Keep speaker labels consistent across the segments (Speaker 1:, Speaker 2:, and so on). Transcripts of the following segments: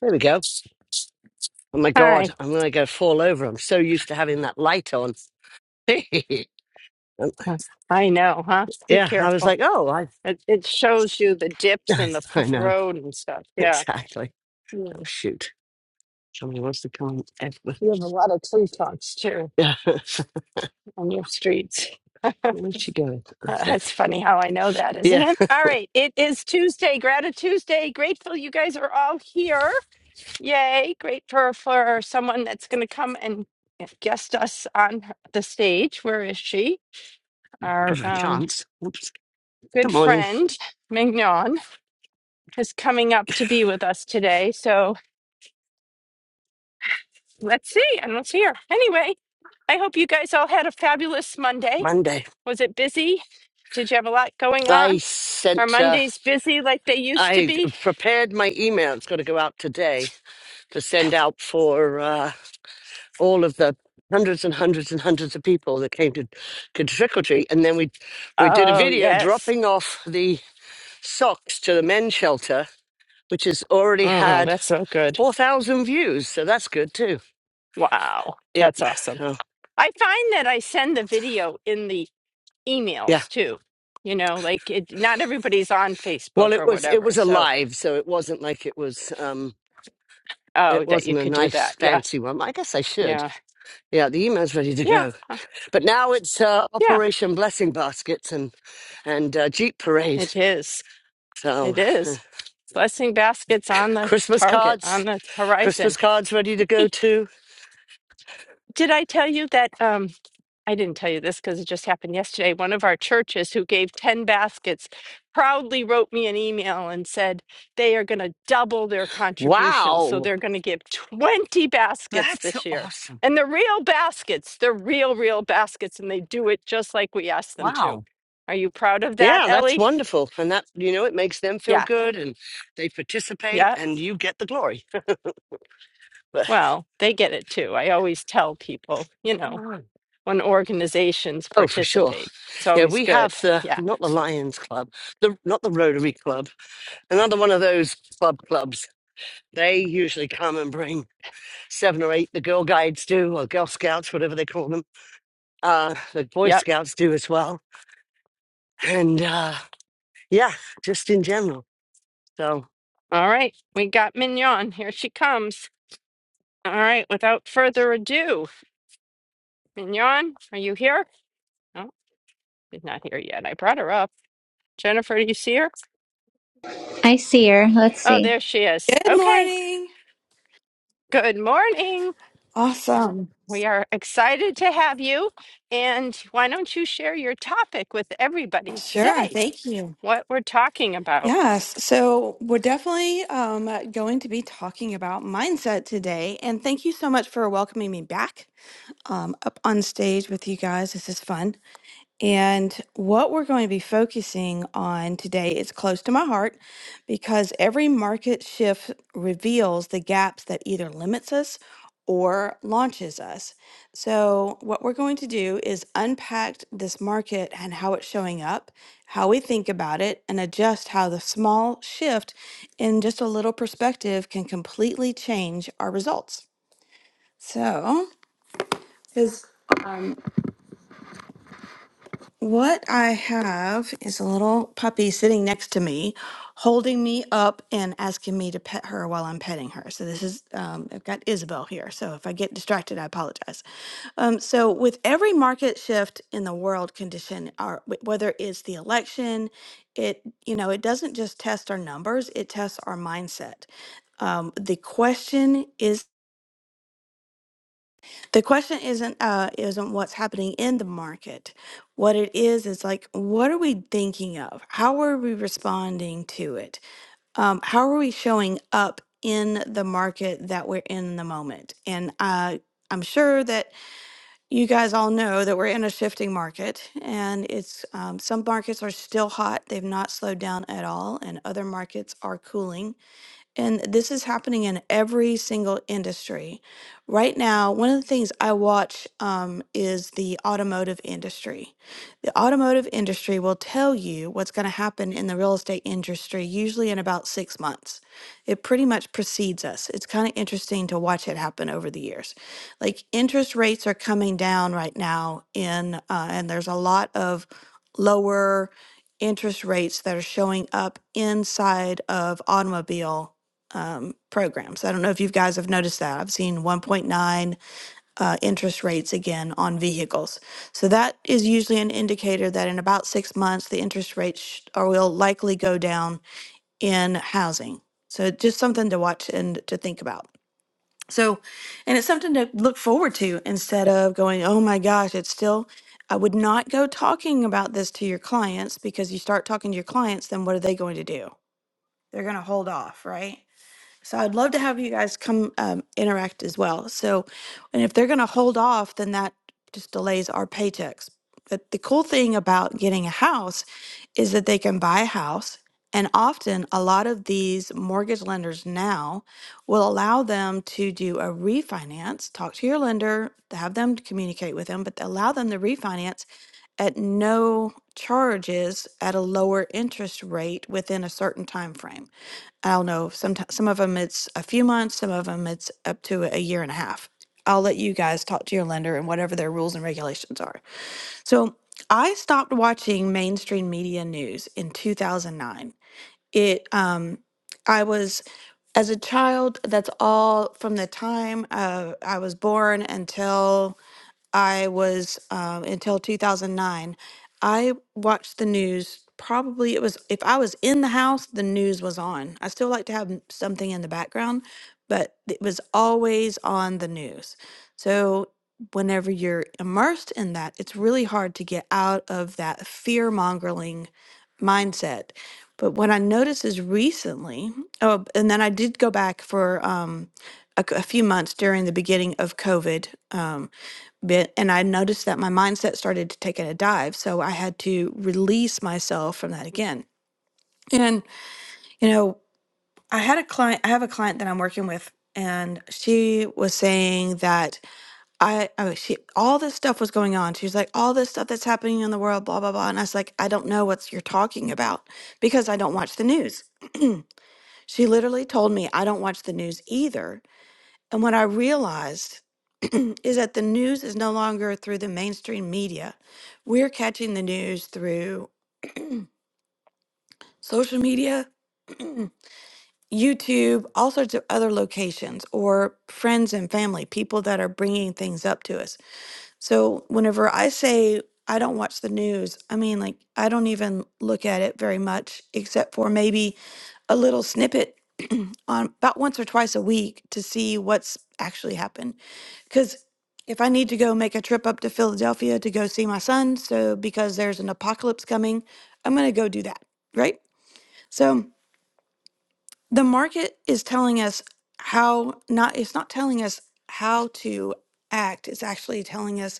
Speaker 1: There we go. Oh my
Speaker 2: Hi.
Speaker 1: God, I'm going to go fall over. I'm so used to having that light on.
Speaker 2: Yes, I know, huh? Be
Speaker 1: yeah, I was
Speaker 2: careful.
Speaker 1: like, oh, I,
Speaker 2: It it shows you the dips
Speaker 1: I,
Speaker 2: and the
Speaker 1: I
Speaker 2: f-
Speaker 1: know.
Speaker 2: road and stuff. Yeah.
Speaker 1: Exactly. Oh,
Speaker 2: Mm.
Speaker 1: shoot. Somebody wants to come in. Edward.
Speaker 2: You have a lot of tree trunks too
Speaker 1: Yeah.
Speaker 2: on your streets.
Speaker 1: Where's she going?
Speaker 2: Uh,
Speaker 1: Okay.
Speaker 2: that's funny how I know that, isn't
Speaker 1: Yeah,
Speaker 2: it? All right. It is Tuesday, Gratitude Tuesday. Grateful you guys are all here. Yay. Great for, for someone that's going to come and guest us on her- the stage. Where is she? Our
Speaker 1: give her a
Speaker 2: um,
Speaker 1: chance. Oops. Good
Speaker 2: good
Speaker 1: morning.
Speaker 2: friend, Mignon, is coming up to be with us today. So Let's see. I don't see her. Anyway, I hope you guys all had a fabulous Monday.
Speaker 1: Monday.
Speaker 2: Was it busy? Did you have a lot going
Speaker 1: I
Speaker 2: on? Are
Speaker 1: sent, uh,
Speaker 2: Mondays busy like they used to
Speaker 1: I
Speaker 2: be?
Speaker 1: prepared my email. It's got to go out today to send out for. Uh, all of the hundreds and hundreds and hundreds of people that came to, to trick or treat. And then we we did a
Speaker 2: Oh,
Speaker 1: video
Speaker 2: yes.
Speaker 1: dropping off the socks to the men's shelter, which has already
Speaker 2: Mm,
Speaker 1: had
Speaker 2: that's so good.
Speaker 1: four thousand views. So that's good too.
Speaker 2: Wow.
Speaker 1: Yep.
Speaker 2: That's awesome.
Speaker 1: So
Speaker 2: I find that I send the video in the
Speaker 1: yeah.
Speaker 2: emails too. You know, like it, not everybody's on
Speaker 1: Well,
Speaker 2: Facebook
Speaker 1: it
Speaker 2: or
Speaker 1: was it
Speaker 2: whatever.
Speaker 1: was
Speaker 2: So,
Speaker 1: alive, so it wasn't like it was. um
Speaker 2: oh,
Speaker 1: It
Speaker 2: that you
Speaker 1: wasn't a
Speaker 2: could do
Speaker 1: nice
Speaker 2: that. Yeah.
Speaker 1: fancy one. I guess I should.
Speaker 2: Yeah.
Speaker 1: Yeah, the email's ready to
Speaker 2: Yeah.
Speaker 1: go.
Speaker 2: uh,
Speaker 1: But now it's uh,
Speaker 2: Yeah.
Speaker 1: Operation Blessing Baskets and and uh, Jeep Parade.
Speaker 2: It is.
Speaker 1: So
Speaker 2: It is. Blessing baskets on the
Speaker 1: Christmas
Speaker 2: target,
Speaker 1: cards
Speaker 2: on the horizon.
Speaker 1: Christmas cards ready to go
Speaker 2: Hey,
Speaker 1: too.
Speaker 2: did I tell you that? Um, I didn't tell you this because it just happened yesterday. One of our churches who gave 10 baskets proudly wrote me an email and said they are going to double their contribution. So
Speaker 1: Wow.
Speaker 2: they're going to give 20 baskets
Speaker 1: That's
Speaker 2: this year.
Speaker 1: awesome.
Speaker 2: And they're real baskets, they're real, real baskets. And they do it just like we asked them to.
Speaker 1: Wow.
Speaker 2: Are you proud of that,
Speaker 1: Yeah, that's
Speaker 2: Ellie?
Speaker 1: wonderful. And that, you know, it makes them feel
Speaker 2: Yeah.
Speaker 1: good and they participate
Speaker 2: Yeah.
Speaker 1: and you get the glory.
Speaker 2: Well, they get it too. I always tell people, you know.
Speaker 1: But-
Speaker 2: when organizations
Speaker 1: oh, for sure.
Speaker 2: participate. It's
Speaker 1: Yeah,
Speaker 2: always
Speaker 1: we
Speaker 2: good.
Speaker 1: have the,
Speaker 2: Yeah.
Speaker 1: not the Lions Club, the not the Rotary Club, another one of those club clubs. They usually come and bring seven or eight, the Girl Guides do, or Girl Scouts, whatever they call them. Uh, the Boy
Speaker 2: Yep.
Speaker 1: Scouts do as well. And uh, yeah, just in general. So.
Speaker 2: All right. We got Mignon. Here she comes. All right. Without further ado, Mignon, are you here? No, she's not here yet. I brought her up. Jennifer, do you see her?
Speaker 3: I see her. Let's
Speaker 2: Oh,
Speaker 3: see.
Speaker 2: there she is.
Speaker 4: Good
Speaker 2: Okay.
Speaker 4: morning.
Speaker 2: Good morning.
Speaker 4: Awesome.
Speaker 2: We are excited to have you. And why don't you share your topic with everybody
Speaker 4: Sure.
Speaker 2: today?
Speaker 4: Thank you.
Speaker 2: What we're talking about.
Speaker 4: Yes. So we're definitely um, going to be talking about mindset today. And thank you so much for welcoming me back um, up on stage with you guys. This is fun. And what we're going to be focusing on today is close to my heart because every market shift reveals the gaps that either limits us or launches us. So, what we're going to do is unpack this market and how it's showing up, how we think about it, and adjust how the small shift in just a little perspective can completely change our results. So, 'cause um, What I have is a little puppy sitting next to me, holding me up and asking me to pet her while I'm petting her. So this is um, I've got Isabel here. So if I get distracted, I apologize. Um, so with every market shift in the world condition, our, wh- whether it's the election, it you know it doesn't just test our numbers; it tests our mindset. Um, the question is the question isn't uh isn't what's happening in the market. What it is is like what are we thinking of? How are we responding to it? Um, how are we showing up in the market that we're in in the moment? And uh, I'm sure that you guys all know that we're in a shifting market, and it's um, some markets are still hot; they've not slowed down at all, and other markets are cooling. And this is happening in every single industry. Right now, one of the things I watch um, is the automotive industry. The automotive industry will tell you what's going to happen in the real estate industry, usually in about six months. It pretty much precedes us. It's kind of interesting to watch it happen over the years. Like interest rates are coming down right now, in, uh, and there's a lot of lower interest rates that are showing up inside of automobile um, programs. I don't know if you guys have noticed that. I've seen 1.9 uh, interest rates again on vehicles. So that is usually an indicator that in about six months, the interest rates sh- are, will likely go down in housing. So just something to watch and to think about. So, and it's something to look forward to instead of going, oh my gosh, it's still. I would not go talking about this to your clients because you start talking to your clients, then what are they going to do? They're going to hold off, right? So I'd love to have you guys come um, interact as well. So, and if they're going to hold off, then that just delays our paychecks. But the cool thing about getting a house is that they can buy a house. And often, a lot of these mortgage lenders now will allow them to do a refinance, talk to your lender, have them communicate with them, but they allow them to refinance at no charges at a lower interest rate within a certain time frame. I don't know. Some some of them it's a few months, some of them it's up to a year and a half. I'll let you guys talk to your lender and whatever their rules and regulations are. So I stopped watching mainstream media news in 2009. It um I was as a child. That's all from the time uh, I was born until I was um, until 2009. I watched the news. Probably it was if I was in the house, the news was on. I still like to have n- something in the background, but it was always on the news. So whenever you're immersed in that, it's really hard to get out of that fear mongering mindset. But what I noticed is recently, oh, and then I did go back for um, a, c- a few months during the beginning of COVID. Um, bit and i noticed that my mindset started to take a dive so i had to release myself from that again and you know i had a client i have a client that i'm working with and she was saying that i oh she all this stuff was going on she was like all this stuff that's happening in the world blah blah blah and i was like i don't know what you're talking about because i don't watch the news she literally told me i don't watch the news either and what I realized is that the news is no longer through the mainstream media. We're catching the news through social media, YouTube, all sorts of other locations, or friends and family, people that are bringing things up to us. So whenever I say I don't watch the news, I mean, like, I don't even look at it very much, except for maybe a little snippet on about once or twice a week to see what's actually happened because if I need to go make a trip up to Philadelphia to go see my son, so because there's an apocalypse coming, I'm going to go do that, right? So the market is telling us how not, it's not telling us how to act, it's actually telling us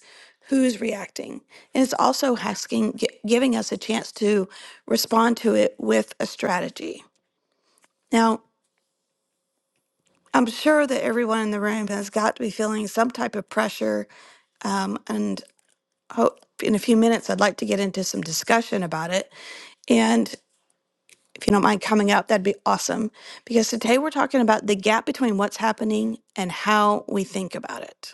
Speaker 4: who's reacting. And it's also asking, gi- giving us a chance to respond to it with a strategy. Now, I'm sure that everyone in the room has got to be feeling some type of pressure. Um, and hope in a few minutes I'd like to get into some discussion about it. And if you don't mind coming up, that'd be awesome. Because today we're talking about the gap between what's happening and how we think about it.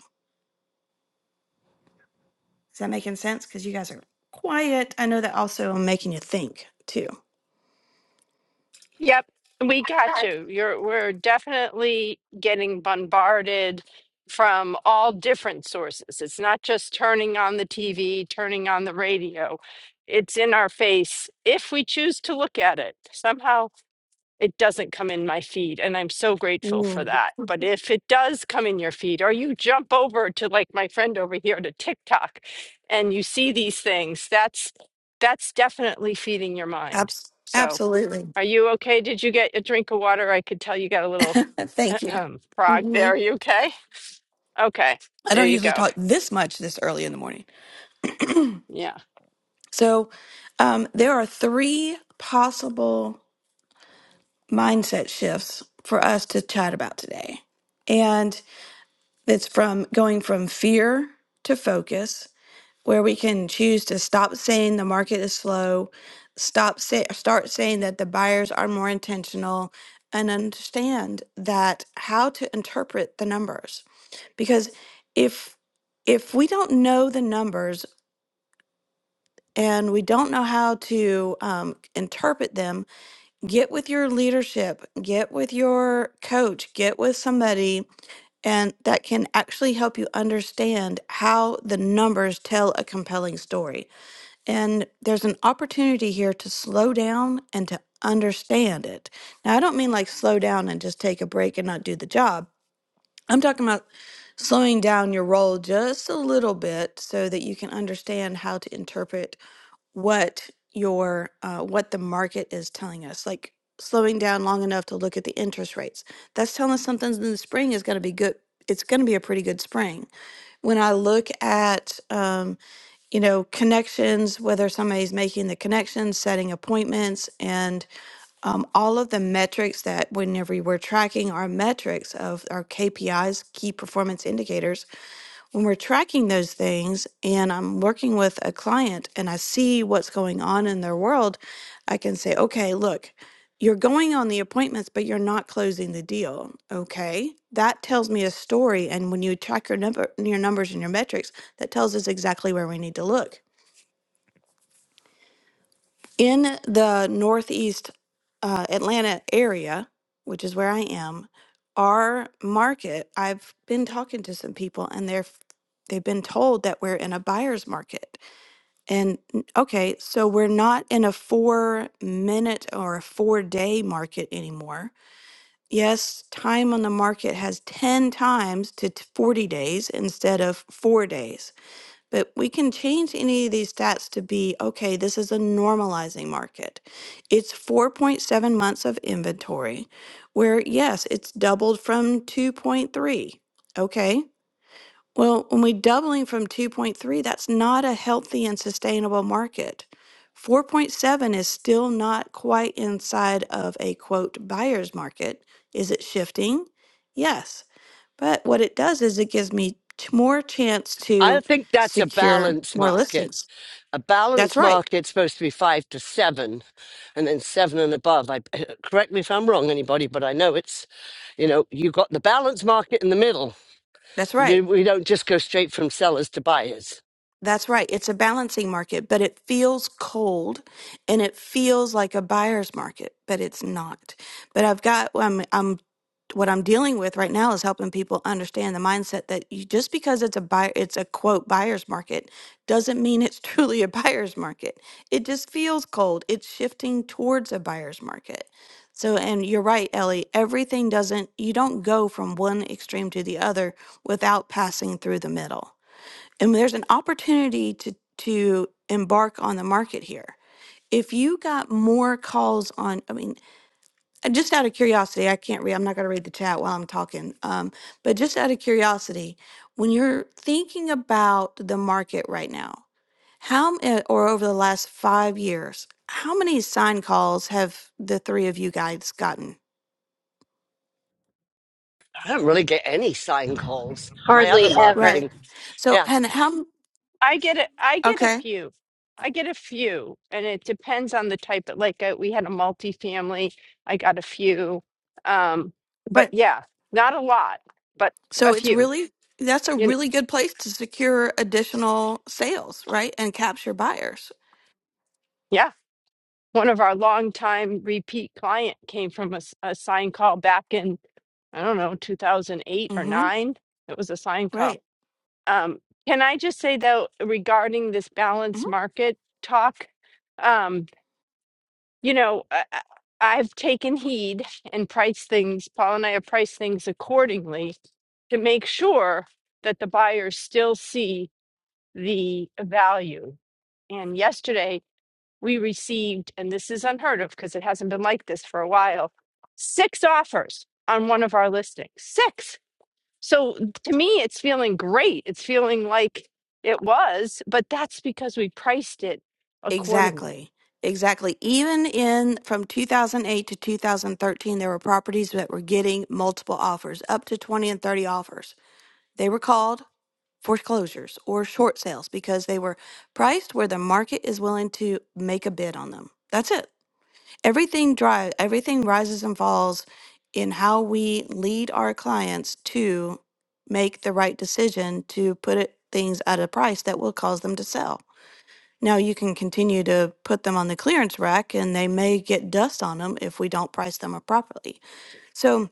Speaker 4: Is that making sense? Because you guys are quiet. I know that also I'm making you think too.
Speaker 2: Yep, we got you. You're we're definitely getting bombarded from all different sources. It's not just turning on the TV, turning on the radio. It's in our face if we choose to look at it. Somehow it doesn't come in my feed, and I'm so grateful for
Speaker 4: Mm,
Speaker 2: that. But if it does come in your feed, or you jump over to like my friend over here to TikTok and you see these things, that's that's definitely feeding your mind.
Speaker 4: Abs-
Speaker 2: So.
Speaker 4: absolutely.
Speaker 2: Are you okay? Did you get a drink of water? I could tell you got a little
Speaker 4: Thank you.
Speaker 2: frog there.
Speaker 4: mhm.
Speaker 2: Are you okay? Okay.
Speaker 4: I
Speaker 2: There
Speaker 4: don't
Speaker 2: you
Speaker 4: usually
Speaker 2: go.
Speaker 4: talk this much this early in the morning.
Speaker 2: Yeah.
Speaker 4: So um, there are three possible. mindset shifts for us to chat about today. And it's from going from fear to focus, where we can choose to stop saying the market is slow, stop say, start saying that the buyers are more intentional, and understand that how to interpret the numbers. Because if if we don't know the numbers and we don't know how to um, interpret them, get with your leadership, get with your coach, get with somebody and that can actually help you understand how the numbers tell a compelling story. And there's an opportunity here to slow down and to understand it. Now, I don't mean like slow down and just take a break and not do the job. I'm talking about slowing down your role just a little bit so that you can understand how to interpret what your uh, what the market is telling us like slowing down long enough to look at the interest rates that's telling us something in the spring is going to be good it's going to be a pretty good spring when i look at um, you know connections whether somebody's making the connections setting appointments and um, all of the metrics that whenever we're tracking our metrics of our kpis key performance indicators when we're tracking those things and I'm working with a client and I see what's going on in their world, I can say, okay, look, you're going on the appointments, but you're not closing the deal. Okay. That tells me a story. And when you track your number your numbers and your metrics, that tells us exactly where we need to look in the Northeast uh, Atlanta area, which is where I am, our market, I've been talking to some people and they're f- they've been told that we're in a buyer's market. And n- okay, so we're not in a 4 minute or a 4 day market anymore. Yes, time on the market has 10 times to t- 40 days instead of 4 days. But we can change any of these stats to be okay, this is a normalizing market. It's 4.7 months of inventory, where yes, it's doubled from 2.3. Okay. Well, when we're doubling from 2.3, that's not a healthy and sustainable market. 4.7 is still not quite inside of a quote buyer's market. Is it shifting? Yes. But what it does is it gives me t- more chance
Speaker 1: I
Speaker 4: to
Speaker 1: think that's a
Speaker 4: secure
Speaker 1: balance
Speaker 4: more
Speaker 1: market.
Speaker 4: listings.
Speaker 1: A
Speaker 4: That's
Speaker 1: balance
Speaker 4: right.
Speaker 1: market's supposed to be five to seven, and then seven and above. I correct me if I'm wrong, anybody, but I know it's, you know, you've got the balance market in the middle.
Speaker 4: That's right.
Speaker 1: Do- We don't just go straight from sellers to buyers.
Speaker 4: That's right. It's a balancing market, but it feels cold and it feels like a buyer's market, but it's not. But I've got well, I'm I'm what I'm dealing with right now is helping people understand the mindset that you, just because it's a buyer it's a quote buyer's market doesn't mean it's truly a buyer's market. It just feels cold. It's shifting towards a buyer's market. So and you're right, Ellie, everything doesn't you don't go from one extreme to the other without passing through the middle and there's an opportunity to to embark on the market here if you got more calls on i mean uh, just out of curiosity i can't read i'm not going to read the chat while i'm talking um, but just out of curiosity when you're thinking about the market right now how m- uh, or over the last five years how many sign calls have the three of you guys gotten
Speaker 1: I don't really get any sign calls. My other
Speaker 3: Hardly ever.
Speaker 4: right
Speaker 1: marketing, yeah.
Speaker 4: so and how m-
Speaker 2: I get it. I get a
Speaker 4: okay
Speaker 2: few. I get a few, and it depends on the type. Of, like uh we had a multifamily. I got a few. Um, but
Speaker 4: right
Speaker 2: yeah, not a lot, but
Speaker 4: So
Speaker 2: a
Speaker 4: it's
Speaker 2: few.
Speaker 4: really that's a
Speaker 2: You know,
Speaker 4: really good place to secure additional sales, right? And capture buyers.
Speaker 2: yeah. One of our longtime repeat client came from a, s- a sign call back in I don't know 2008 or
Speaker 4: Mhm.
Speaker 2: nine. It was a sign call
Speaker 4: Right.
Speaker 2: Um, can I just say though, regarding this balanced
Speaker 4: Mhm.
Speaker 2: market talk, um, you know, I, I- I've taken heed and priced things. Paul and I have priced things accordingly to make sure that the buyers still see the value. And yesterday we received, and this is unheard of because it hasn't been like this for a while, six offers on one of our listings. Six. So to me, it's feeling great. It's feeling like it was, but that's because we priced it accordingly.
Speaker 4: Exactly. Exactly. Even in from 2008 to 2013 there were properties that were getting multiple offers, up to 20 and 30 offers. They were called foreclosures or short sales because they were priced where the market is willing to make a bid on them. That's it. everything dry everything rises and falls in how we lead our clients to make the right decision to put it, things at a price that will cause them to sell now you can continue to put them on the clearance rack and they may get dust on them if we don't price them up properly so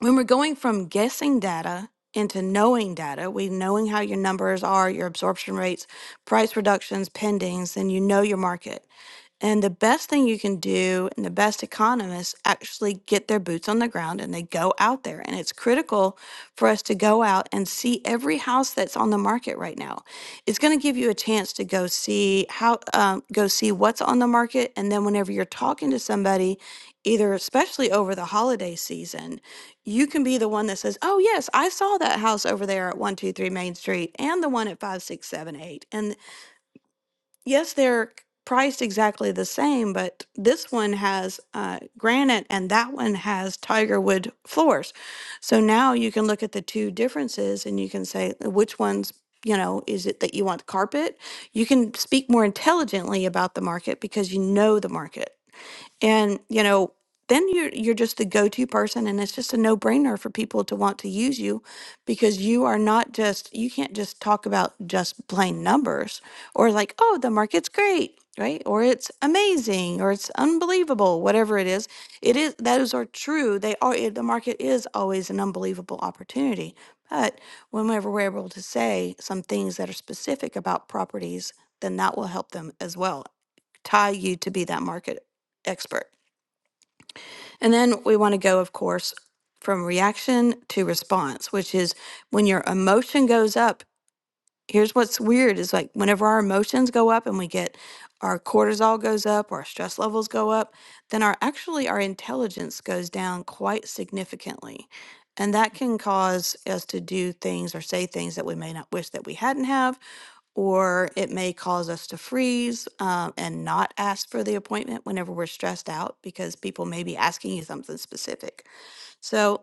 Speaker 4: when we're going from guessing data into knowing data we knowing how your numbers are your absorption rates price reductions pendings then you know your market and the best thing you can do, and the best economists actually get their boots on the ground and they go out there. And it's critical for us to go out and see every house that's on the market right now. It's going to give you a chance to go see how, um, go see what's on the market. And then whenever you're talking to somebody, either especially over the holiday season, you can be the one that says, Oh, yes, I saw that house over there at 123 Main Street and the one at 5678 yes, they're priced exactly the same, but this one has uh, granite and that one has tiger wood floors. So now you can look at the two differences and you can say "Uh, which one's you know is it that you want carpet you can speak more intelligently about the market because you know the market and you know then you're you're just the go-to person and it's just a no-brainer for people to want to use you because you are not just you can't just talk about just plain numbers or like oh the market's great right or it's amazing or it's unbelievable whatever it is it is those are true they are it- the market is always an unbelievable opportunity but whenever we're able to say some things that are specific about properties then that will help them as well tie you to be that market expert. And then we want to go, of course, from reaction to response, which is when your emotion goes up. Here's what's weird is like whenever our emotions go up and we get our cortisol goes up, our stress levels go up, then our actually our intelligence goes down quite significantly. And that can cause us to do things or say things that we may not wish that we hadn't have or it may cause us to freeze um, and not ask for the appointment whenever we're stressed out because people may be asking you something specific. So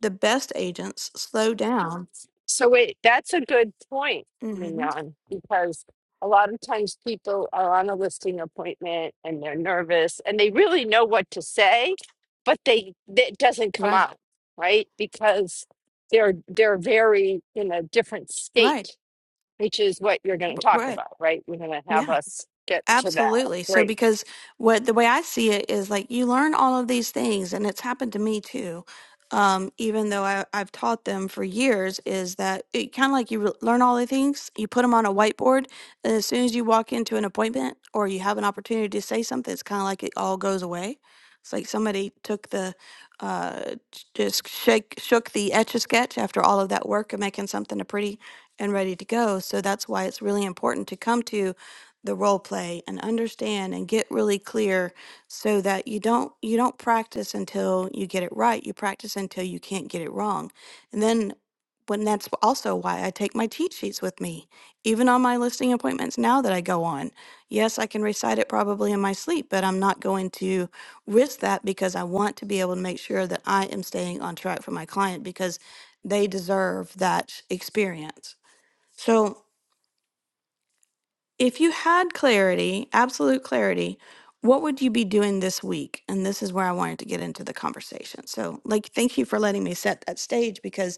Speaker 4: the best agents slow down.
Speaker 2: So wait, that's a good point,
Speaker 4: hmm
Speaker 2: Mignon, because a lot of times people are on a listing appointment and they're nervous and they really know what to say, but they it doesn't come
Speaker 4: Right.
Speaker 2: out, right? Because they're they're very in a different
Speaker 4: Right.
Speaker 2: state, which is what you're going
Speaker 4: b-
Speaker 2: to talk
Speaker 4: Right.
Speaker 2: about, right? We're going to
Speaker 4: Yeah.
Speaker 2: have us get to that.
Speaker 4: Absolutely. So,
Speaker 2: Great.
Speaker 4: because what the way I see it is like you learn all of these things, and it's happened to me too. Um, even though I, I've taught them for years, is that it kind of like you re- learn all the things, you put them on a whiteboard, and as soon as you walk into an appointment or you have an opportunity to say something, it's kind of like it all goes away. It's like somebody took the uh, j- just shake shook the etch a sketch after all of that work of making something a pretty and ready to go. So that's why it's really important to come to the role play and understand and get really clear so that you don't you don't practice until you get it right you practice until you can't get it wrong and then when that's also why I take my cheat sheets with me even on my listing appointments now that I go on yes I can recite it probably in my sleep but I'm not going to risk that because I want to be able to make sure that I am staying on track for my client because they deserve that experience so if you had clarity, absolute clarity, what would you be doing this week? And this is where I wanted to get into the conversation. So, like, thank you for letting me set that stage because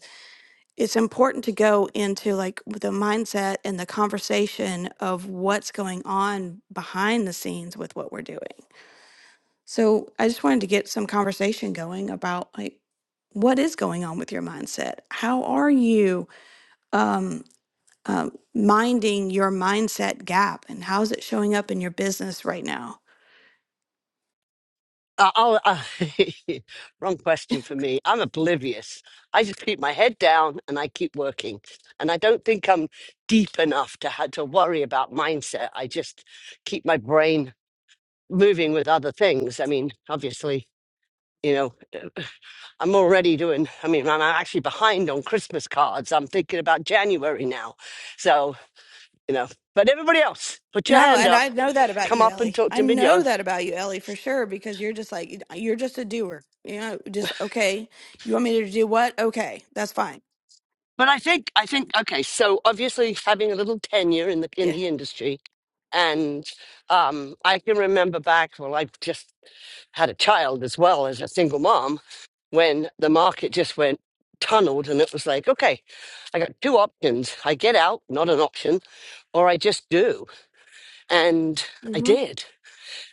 Speaker 4: it's important to go into like the mindset and the conversation of what's going on behind the scenes with what we're doing. So, I just wanted to get some conversation going about like what is going on with your mindset? How are you? Um, um, minding your mindset gap and how's it showing up in your business right now
Speaker 1: Uh, I'll, uh, wrong question for me. I'm oblivious. I just keep my head down and I keep working. And I don't think I'm deep enough to have to worry about mindset. I just keep my brain moving with other things. I mean, obviously, you know, I'm already doing. I mean, I'm actually behind on Christmas cards. I'm thinking about January now. So you know, but everybody else, put your
Speaker 4: no
Speaker 1: hand
Speaker 4: and
Speaker 1: up.
Speaker 4: i know that about
Speaker 1: Come
Speaker 4: you
Speaker 1: up and
Speaker 4: ellie
Speaker 1: talk
Speaker 4: i
Speaker 1: to me.
Speaker 4: know that about you ellie for sure because you're just like you're just a doer you know just okay you want me to do what okay that's fine
Speaker 1: But I think I think okay. So obviously, having a little tenure in the in
Speaker 4: yeah
Speaker 1: the industry, and um, I can remember back. Well, I just had a child as well as a single mom when the market just went tunneled, and it was like, okay, I got two options: I get out, not an option, or I just do, and I
Speaker 4: mm-hmm.
Speaker 1: did.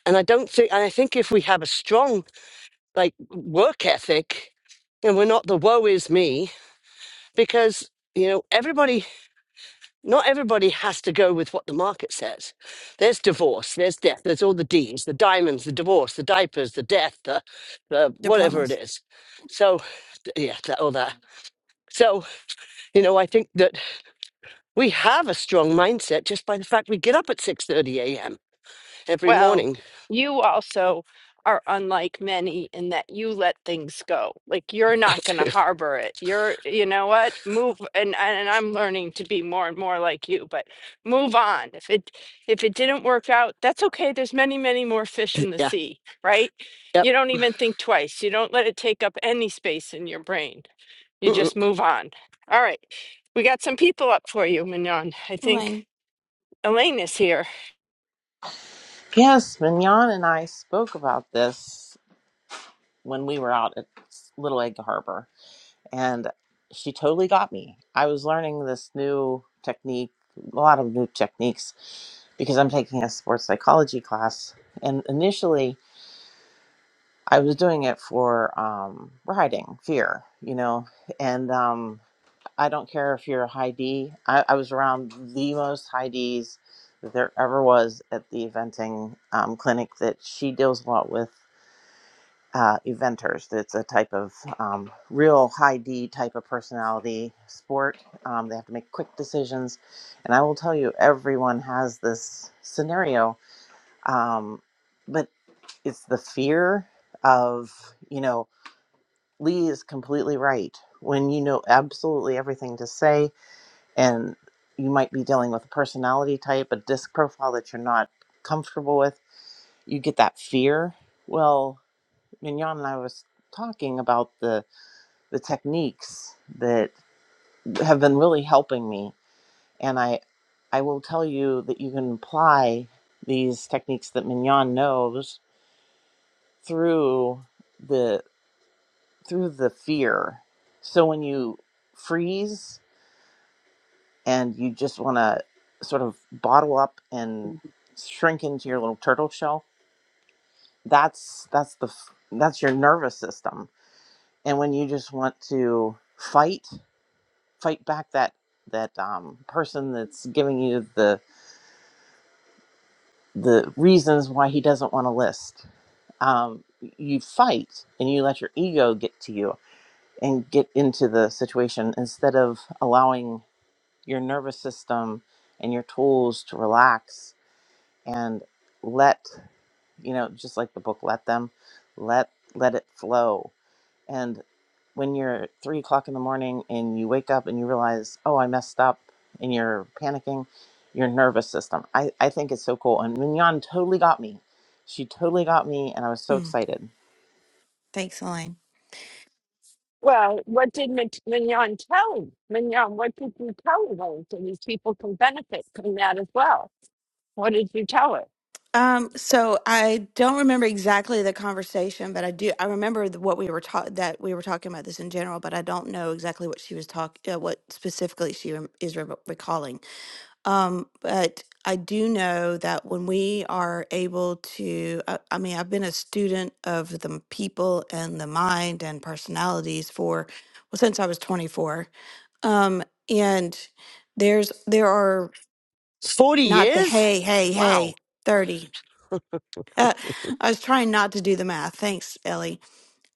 Speaker 1: And I don't think. And I think if we have a strong like work ethic, and we're not the woe is me because you know everybody Not everybody has to go with what the market says. There's divorce, there's death, there's all the D's, the diamonds, the divorce, the diapers, the death, the, the whatever it
Speaker 4: diplomas
Speaker 1: is. So, yeah, that, all that. So, you know, I think that we have a strong mindset just by the fact we get up at 6.30 a.m. every
Speaker 2: Well,
Speaker 1: morning.
Speaker 2: you also are unlike many in that you let things go. Like you're
Speaker 1: I
Speaker 2: not going to
Speaker 1: do.
Speaker 2: harbor it. You're, you know what? Move and and I'm learning to be more and more like you, but move on. If it if it didn't work out, that's okay. There's many, many more fish in the
Speaker 1: Yeah.
Speaker 2: sea, right?
Speaker 1: Yep.
Speaker 2: You don't even think twice. You don't let it take up any space in your brain. You
Speaker 1: Mm-mm.
Speaker 2: just move on. All right. We got some people up for you, Mignon. I think
Speaker 4: elaine
Speaker 2: Elaine is here.
Speaker 5: Yes, Mignon and I spoke about this when we were out at Little Egg Harbor, and she totally got me. I was learning this new technique, a lot of new techniques, because I'm taking a sports psychology class. And initially, I was doing it for um, riding fear, you know, and um, I don't care if you're a high D. I, I was around the most high Ds that there ever was at the eventing um, clinic that she deals a lot with uh, eventers. It's a type of um, real high D type of personality sport. Um, they have to make quick decisions. And I will tell you, everyone has this scenario, um, but it's the fear of, you know, Lee is completely right. When you know absolutely everything to say, and you might be dealing with a personality type, a disc profile that you're not comfortable with, you get that fear. Well, Mignon and I was talking about the the techniques that have been really helping me. And I, I will tell you that you can apply these techniques that Mignon knows through the through the fear. So when you freeze and you just want to sort of bottle up and shrink into your little turtle shell, that's that's the f- that's your nervous system. And when you just want to fight fight back that that um, person that's giving you the the reasons why he doesn't want to list. Um, you fight and you let your ego get to you and get into the situation instead of allowing your nervous system and your tools to relax and let you know just like the book let them let let it flow and. when you're at three o'clock in the morning and you wake up and you realize, oh, I messed up and you're panicking, your nervous system. I, I think it's so cool. And Mignon totally got me. She totally got me, and I was so
Speaker 4: Hmm.
Speaker 5: excited.
Speaker 4: thanks elaine
Speaker 2: Well, what did Mign- Mignon tell him? Mignon, what did you tell her? So these people can benefit from that as well. What did you tell her?
Speaker 4: um so i don't remember exactly the conversation but i do i remember the- what we were taught that we were talking about this in general but i don't know exactly what she was talking uh, what specifically she rem- is re- recalling Um, but I do know that when we are able to, I, I mean, I've been a student of the m- people and the mind and personalities for, well, since I was 24. Um, and there's, there are
Speaker 1: 40
Speaker 4: not the
Speaker 1: years?
Speaker 4: hey, hey,
Speaker 1: Wow.
Speaker 4: hey, 30. Uh, I was trying not to do the math. Thanks, Ellie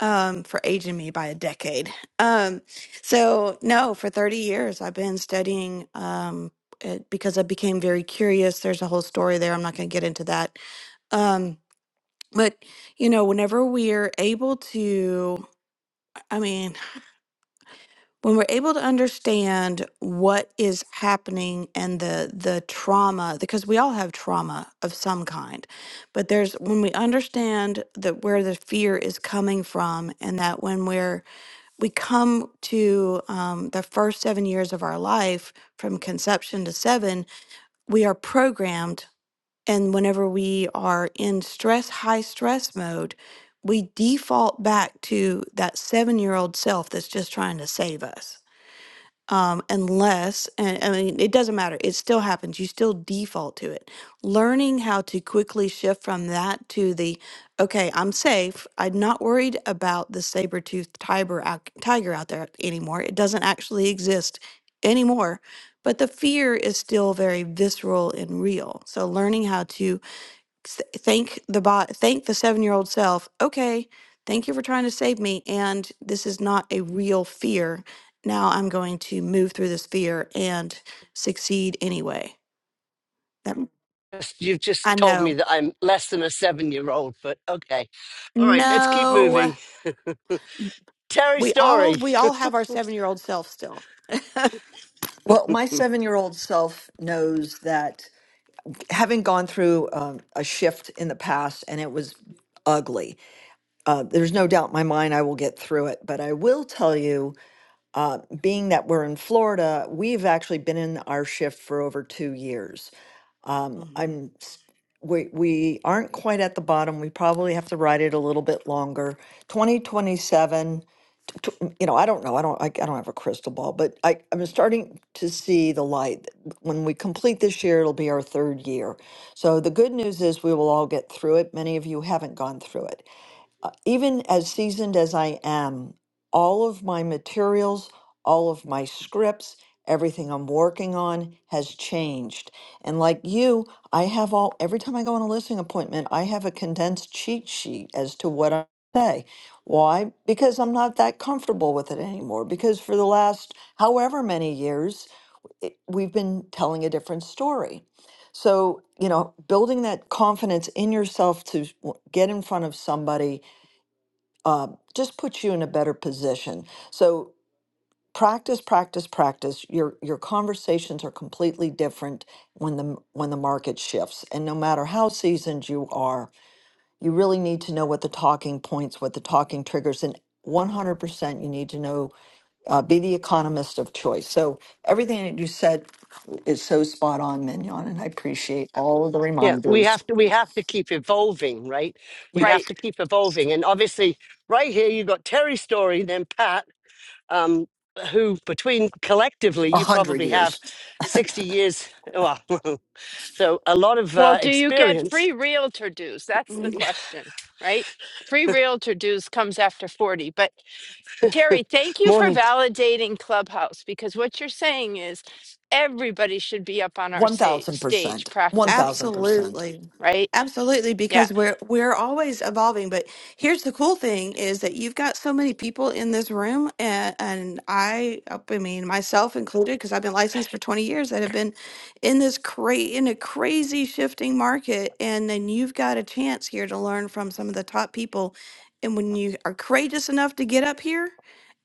Speaker 4: um for aging me by a decade um so no for 30 years i've been studying um it, because i became very curious there's a whole story there i'm not going to get into that um but you know whenever we're able to i mean when we're able to understand what is happening and the the trauma because we all have trauma of some kind but there's when we understand that where the fear is coming from and that when we're we come to um, the first seven years of our life from conception to seven, we are programmed. And whenever we are in stress, high stress mode, we default back to that seven year old self that's just trying to save us um, unless, and I mean, it doesn't matter. It still happens. You still default to it. Learning how to quickly shift from that to the, okay, I'm safe. I'm not worried about the saber-toothed tiger out, tiger out there anymore. It doesn't actually exist anymore. But the fear is still very visceral and real. So learning how to s- thank the bot thank the seven year old self okay thank you for trying to save me and this is not a real fear now i'm going to move through this fear and succeed anyway that,
Speaker 1: just- you've
Speaker 4: i
Speaker 1: just told me
Speaker 4: know
Speaker 1: that I'm less than a seven year old, but okay. All right, let's keep
Speaker 4: no
Speaker 1: moving. Terry
Speaker 4: we all
Speaker 1: Story.
Speaker 4: we all have our seven year old self still
Speaker 6: Well, my seven year old self knows that having gone through um, a shift in the past and it was ugly, uh, there's no doubt in my mind I will get through it. But I will tell you, uh, being that we're in Florida, we've actually been in our shift for over two years. Um, I'm s- we we aren't quite at the bottom. We probably have to ride it a little bit longer. 2027 t- you know, I don't know. I don't. I, I don't have a crystal ball, but I, I'm starting to see the light. When we complete this year, it'll be our third year. So the good news is we will all get through it. Many of you haven't gone through it, even as seasoned as I am, all of my materials, all of my scripts, everything I'm working on has changed. And like you, I have all, every time I go on a listening appointment, I have a condensed cheat sheet as to what I say. Why? Because I'm not that comfortable with it anymore. Because for the last however many years, it, we've been telling a different story. So, you know, building that confidence in yourself to w- get in front of somebody uh, just puts you in a better position. So practice, practice, practice. Your your conversations are completely different when the when the market shifts, and no matter how seasoned you are, you really need to know what the talking points, what the talking triggers, and 100% you need to know uh, be the economist of choice so everything that you said is so spot on mignon and i appreciate all of the
Speaker 1: Yeah, we have
Speaker 6: reminders
Speaker 1: to we have to keep evolving, right?
Speaker 6: you
Speaker 1: We have
Speaker 2: Right.
Speaker 1: to keep evolving. And obviously right here you've got Terry Story, then Pat, um, who between collectively you
Speaker 6: 100
Speaker 1: probably have
Speaker 6: years
Speaker 1: 60 years well so a lot of
Speaker 2: Well,
Speaker 1: uh,
Speaker 2: do you get
Speaker 1: experience
Speaker 2: free realtor dues? That's
Speaker 4: hmm
Speaker 2: the question, right? Free realtor dues comes after 40. But Terry, thank you for
Speaker 1: morning
Speaker 2: validating Clubhouse because what you're saying is everybody should be up on our sa- stage
Speaker 6: 1000%
Speaker 2: practicing,
Speaker 6: 1000%
Speaker 4: Absolutely.
Speaker 2: right?
Speaker 4: Absolutely,
Speaker 2: Yeah.
Speaker 4: because we're we're always evolving. But here's the cool thing is that you've got so many people in this room, and, and I, uh, I mean myself included, because I've been licensed for 20 years, that have been in this cra in a crazy shifting market, and then you've got a chance here to learn from some of the top people. And when you are courageous enough to get up here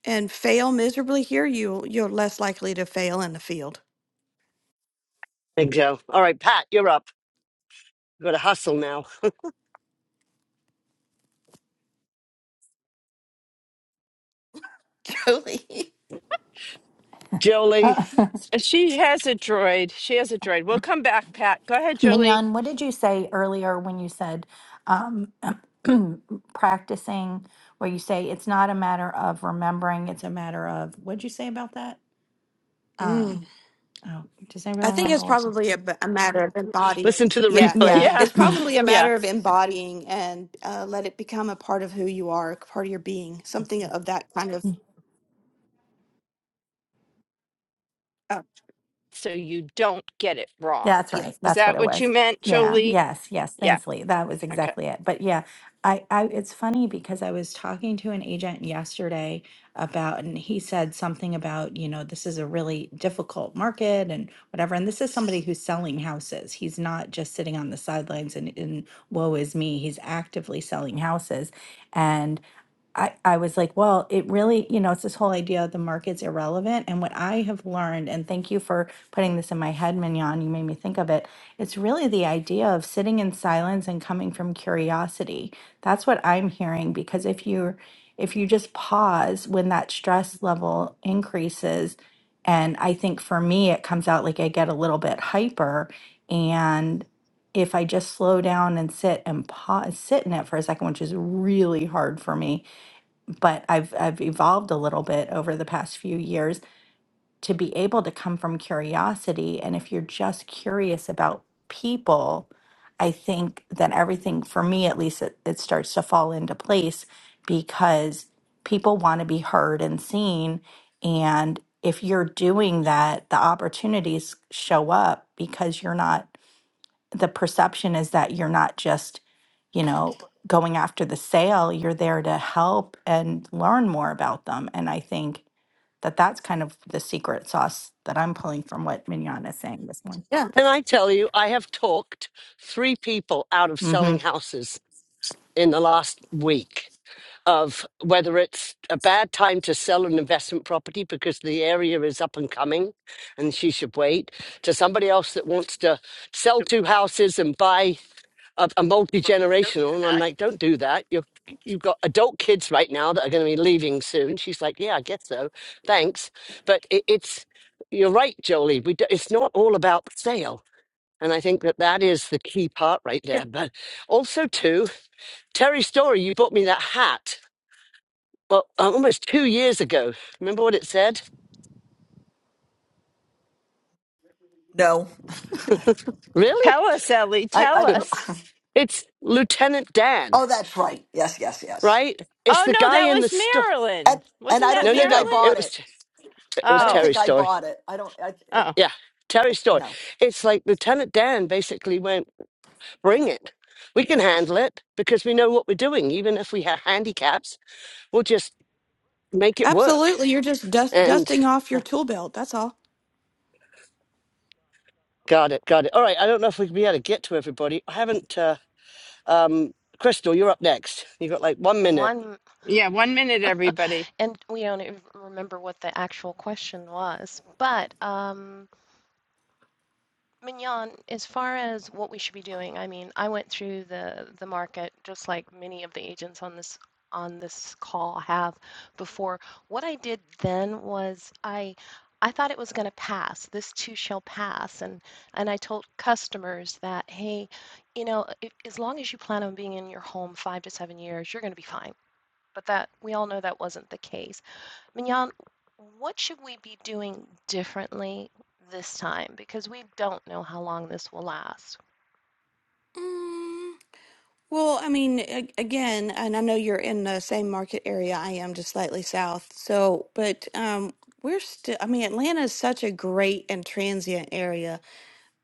Speaker 4: and fail miserably here, you you're less likely to fail in the field.
Speaker 1: big joe all right pat you're up gotta hustle now jolie
Speaker 7: Uh,
Speaker 2: And she has a droid. She has a droid. We'll come back, Pat. Go ahead, Jolie.
Speaker 7: Mignon, what did you say earlier when you said um, practicing, where you say it's not a matter of remembering, it's a matter of, what did you say about that?
Speaker 4: Totally.
Speaker 7: Um, oh, does anybody
Speaker 4: I think it's
Speaker 7: remember what you
Speaker 4: probably a, b- a matter of embodying.
Speaker 1: listen to the
Speaker 4: Yeah,
Speaker 1: replay
Speaker 7: Yeah.
Speaker 2: Yeah.
Speaker 4: it's probably a
Speaker 2: Yeah.
Speaker 4: matter of embodying and uh, let it become a part of who you are, a part of your being, something of that kind of. Uh,
Speaker 2: so you don't get it wrong.
Speaker 7: That's
Speaker 4: yeah,
Speaker 7: right.
Speaker 2: Is
Speaker 7: That's what
Speaker 2: that
Speaker 7: it
Speaker 2: what you
Speaker 7: was.
Speaker 2: meant,
Speaker 4: y-
Speaker 7: Yeah.
Speaker 2: Jolie?
Speaker 7: Yes.
Speaker 4: yeah,
Speaker 7: Yes.
Speaker 2: Yeah.
Speaker 7: Thanks, Lee. That was
Speaker 2: Okay.
Speaker 7: exactly it. But yeah, I, I, it's funny because I was talking to an agent yesterday about, and he said something about, you know, this is a really difficult market and whatever. And this is somebody who's selling houses. He's not just sitting on the sidelines and, and woe is me. He's actively selling houses. I, I was like, well, it really, you know, it's this whole idea of the market's irrelevant. And what I have learned, and thank you for putting this in my head, Mignon, you made me think of it. It's really the idea of sitting in silence and coming from curiosity. That's what I'm hearing because if you're if you just pause when that stress level increases, and I think for me it comes out like I get a little bit hyper and if I just slow down and sit and pause, sit in it for a second, which is really hard for me, but I've I've evolved a little bit over the past few years to be able to come from curiosity and if you're just curious about people I think that everything for me at least it, it starts to fall into place because people want to be heard and seen and if you're doing that the opportunities show up because you're not the perception is that you're not just, you know, going after the sale, you're there to help and learn more about them. And I think that that's kind of the secret sauce that I'm pulling from what Mignon is saying this morning.
Speaker 4: yeah.
Speaker 1: Can I tell you, I have talked three people out of selling
Speaker 7: Mm-hmm.
Speaker 1: houses in the last week of whether it's a bad time to sell an investment property because the area is up and coming and she should wait, to somebody else that wants to sell two houses and buy a, a multi-generational. And I'm like, don't do that. You're, you've got adult kids right now that are going to be leaving soon. She's like, yeah, I guess so. Thanks. But it, it's, you're right, Jolie. We, do- it's not all about sale and I think that that is the key part right
Speaker 4: yeah,
Speaker 1: there. But also, too, Terry Story, you bought me that hat, well, uh, almost two years ago. Remember what it said?
Speaker 6: no
Speaker 1: Really?
Speaker 2: Tell us, Ellie.
Speaker 6: I,
Speaker 2: Tell
Speaker 6: I no,
Speaker 2: us.
Speaker 1: It's Lieutenant Dan,
Speaker 6: oh, that's right. Yes, yes, yes.
Speaker 1: right? It's
Speaker 2: Oh
Speaker 1: the
Speaker 2: no,
Speaker 1: guy
Speaker 2: that
Speaker 1: in the
Speaker 2: was
Speaker 1: store.
Speaker 6: And
Speaker 2: Marilyn.
Speaker 6: and
Speaker 2: Wasn't
Speaker 6: I
Speaker 2: that
Speaker 6: don't
Speaker 1: No, no,
Speaker 6: think I
Speaker 1: no.
Speaker 2: Marilyn?
Speaker 1: It
Speaker 6: bought it.
Speaker 1: was it
Speaker 6: I
Speaker 1: was
Speaker 6: don't
Speaker 2: Oh.
Speaker 1: Terry
Speaker 6: think I
Speaker 1: Story.
Speaker 6: bought it. I don't. I,
Speaker 2: Oh.
Speaker 1: Yeah,
Speaker 6: I
Speaker 1: Terry Story.
Speaker 6: no.
Speaker 1: It's like Lieutenant Dan basically went, "Bring it. We can handle it because we know what we're doing. Even if we have handicaps, we'll just make it work."
Speaker 4: Absolutely, you're just dust,
Speaker 1: And
Speaker 4: dusting off your tool belt. That's all.
Speaker 1: Got it. Got it. All right. I don't know if we can be able to get to everybody. I haven't. Uh, um, Crystal, you're up next. You got like one minute,
Speaker 8: One,
Speaker 2: Yeah. One minute, everybody.
Speaker 8: and we don't even remember what the actual question was, but um, Mignon, as far as what we should be doing, I mean, I went through the the market just like many of the agents on this on this call have before. What I did then was I I thought it was going to pass. This too shall pass, and and I told customers that, hey, you know, i as long as you plan on being in your home five to seven years, you're going to be fine. But that we all know that wasn't the case. Mignon, what should we be doing differently this time? Because we don't know how long this will last.
Speaker 4: Mm, well, I mean, a- again, and I know you're in the same market area I am, just slightly south. So, but um, we're still. I mean, Atlanta is such a great and transient area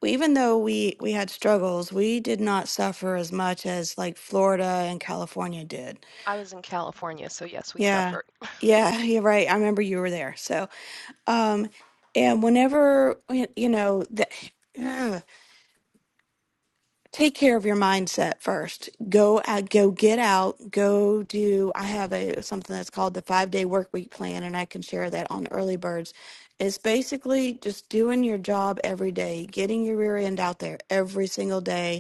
Speaker 4: Well, even though we we had struggles, we did not suffer as much as like Florida and California did.
Speaker 8: I was in California, so yes, we
Speaker 4: Yeah.
Speaker 8: suffered.
Speaker 4: Yeah, you're right. I remember you were there. So, um and whenever y- you know that ugh, take care of your mindset first. Go out, go get out, go do I have a something that's called the 5-day work week plan and I can share that on early birds. It's basically just doing your job every day, getting your rear end out there every single day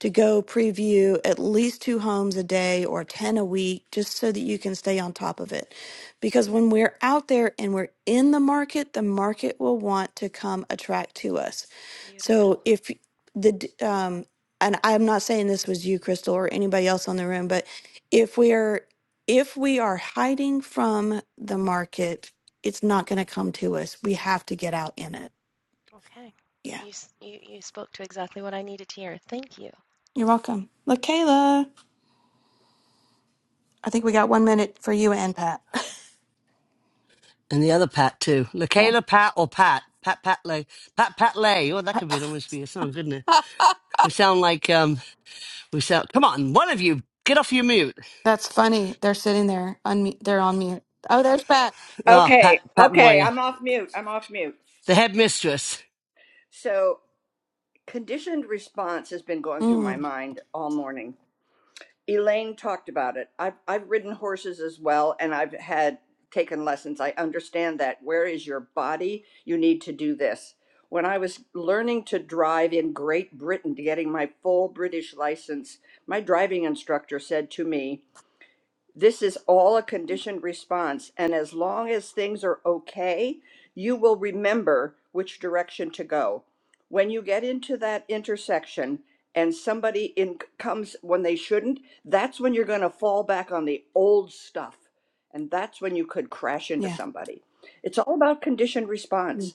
Speaker 4: to go preview at least two homes a day or 10 a week, just so that you can stay on top of it. Because when we're out there and we're in the market, the market will want to come attract to us. So
Speaker 8: Beautiful.
Speaker 4: if the, d- um, and I'm not saying this was you, Crystal, or anybody else on the room, but if we're, if we are hiding from the market, it's not going to come to us. We have to get out in it.
Speaker 8: Okay.
Speaker 4: Yeah.
Speaker 8: You, you, you spoke to exactly what I needed to hear. Thank you.
Speaker 4: You're welcome. Look, I think we got one minute for you and Pat.
Speaker 1: and the other Pat too.
Speaker 4: Yeah.
Speaker 1: Lakayla, Pat, or Pat, Pat, Pat Lay, Pat, Pat Lay. Oh, that could be almost be a song, couldn't it? We sound like um, we sound. Come on, one of you, get off your mute.
Speaker 4: That's funny. They're sitting there. Unmute. They're on mute. Oh, there's Pat.
Speaker 1: Oh, Pat,
Speaker 9: Okay,
Speaker 1: Pat
Speaker 9: okay,
Speaker 1: Moyer,
Speaker 9: I'm off mute. I'm off mute.
Speaker 1: the headmistress.
Speaker 9: So, conditioned response has been going through my
Speaker 4: Mm,
Speaker 9: mind all morning. Elaine talked about it. I've, I've ridden horses as well, and I've had taken lessons. I understand that. Where is your body? You need to do this. When I was learning to drive in Great Britain, to getting my full British license, my driving instructor said to me, This is all a conditioned response. And as long as things are okay, you will remember which direction to go. When you get into that intersection and somebody in comes when they shouldn't, that's when you're going to fall back on the old stuff. And that's when you could crash into
Speaker 4: yeah.
Speaker 9: somebody. It's all about conditioned response.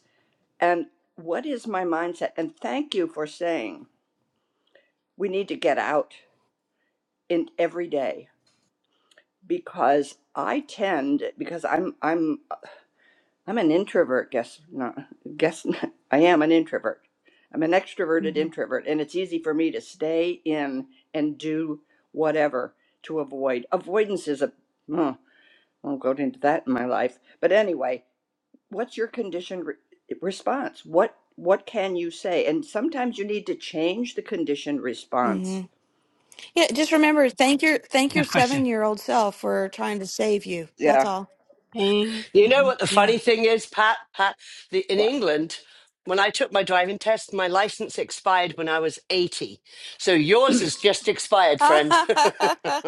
Speaker 9: And what is my mindset? And thank you for saying we need to get out in every day. because I tend because I'm I'm I'm an introvert. Guess not. Guess not, I am an introvert. I'm an extroverted
Speaker 4: hmm
Speaker 9: introvert, and it's easy for me to stay in and do whatever to avoid. Avoidance is a. Oh, I'll go into that in my life. But anyway, what's your conditioned re- response? What what can you say? And sometimes you need to change the conditioned
Speaker 4: hmm
Speaker 9: response.
Speaker 4: Yeah. Just remember, thank your thank your
Speaker 1: Good question.
Speaker 4: seven year old self for trying to save you. That's
Speaker 9: Yeah.
Speaker 4: all.
Speaker 2: Eh,
Speaker 1: You know what the
Speaker 2: Yeah.
Speaker 1: funny thing is, Pat? Pat, the, in England, when I took my driving test, my license expired when I was 80. So yours has just expired, friend.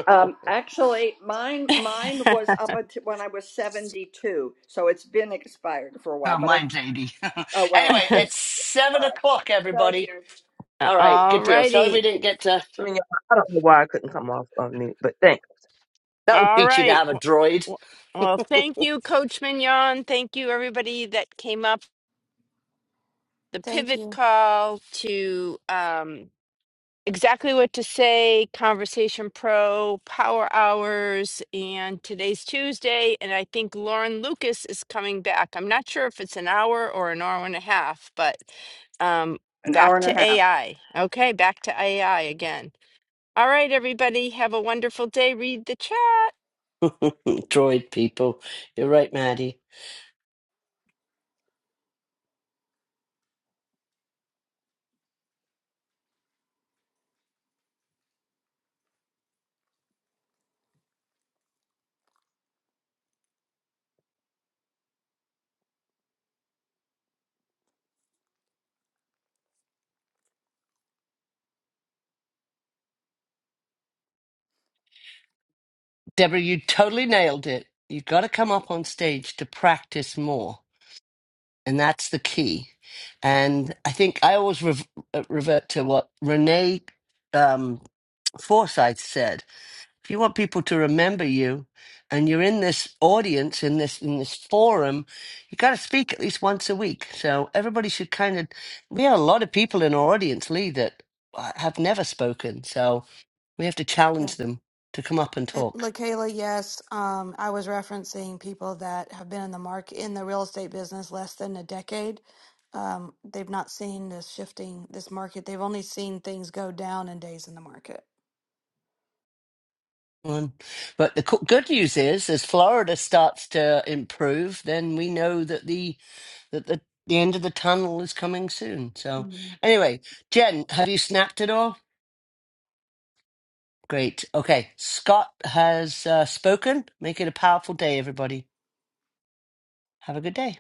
Speaker 9: Um, actually, mine mine was up until when I was seventy two, so it's been expired for a while.
Speaker 1: oh,
Speaker 9: But I
Speaker 1: mine's 80.
Speaker 9: oh well,
Speaker 1: anyway,
Speaker 9: see,
Speaker 1: it's seven
Speaker 9: all right,
Speaker 1: o'clock,
Speaker 9: thank
Speaker 1: everybody.
Speaker 9: you.
Speaker 1: All right,
Speaker 2: All
Speaker 1: good deal. Sorry we
Speaker 2: righty.
Speaker 1: didn't get to.
Speaker 10: I mean, I don't know why I couldn't come off on mute, but thanks.
Speaker 1: That'll
Speaker 2: All
Speaker 1: teach you to
Speaker 2: right.
Speaker 1: have a
Speaker 2: W-
Speaker 1: droid.
Speaker 2: w- Well, thank you, Coach Mignon. Thank you, everybody that came up. The
Speaker 4: thank
Speaker 2: pivot
Speaker 4: you.
Speaker 2: call to um, exactly what to say, Conversation Pro, Power Hours, and today's Tuesday. And I think Lauren Lucas is coming back. I'm not sure if it's an hour or an hour and a half, but um,
Speaker 9: An hour
Speaker 2: back
Speaker 9: and
Speaker 2: to
Speaker 9: a half.
Speaker 2: AI. Okay, back to AI again. All right, everybody, have a wonderful day. Read the chat.
Speaker 1: Droid people. You're right, Maddie. Deborah, you totally nailed it. You've got to come up on stage to practice more. And that's the key. And I think I always rev- uh, revert to what Renee um, Forsyth said. If you want people to remember you, and you're in this audience, in this in this forum, you got to speak at least once a week. So everybody should kind of. We have a lot of people in our audience, Lee, that uh, have never spoken. So we have to challenge them to come up and
Speaker 4: And
Speaker 1: talk.
Speaker 4: LaKayla, yes, um, I was referencing people that have been in the market in the real estate business less than a decade. Um, they've not seen this shifting this market. They've only seen things go down in days in the market.
Speaker 1: one. But the co- good news is, as Florida starts to improve, then we know that the that the, the end of the tunnel is coming soon. So, anyway, Jen, have you snapped it all? Great. Okay, Scott has uh, spoken. Make it a powerful day, everybody. Have a good day.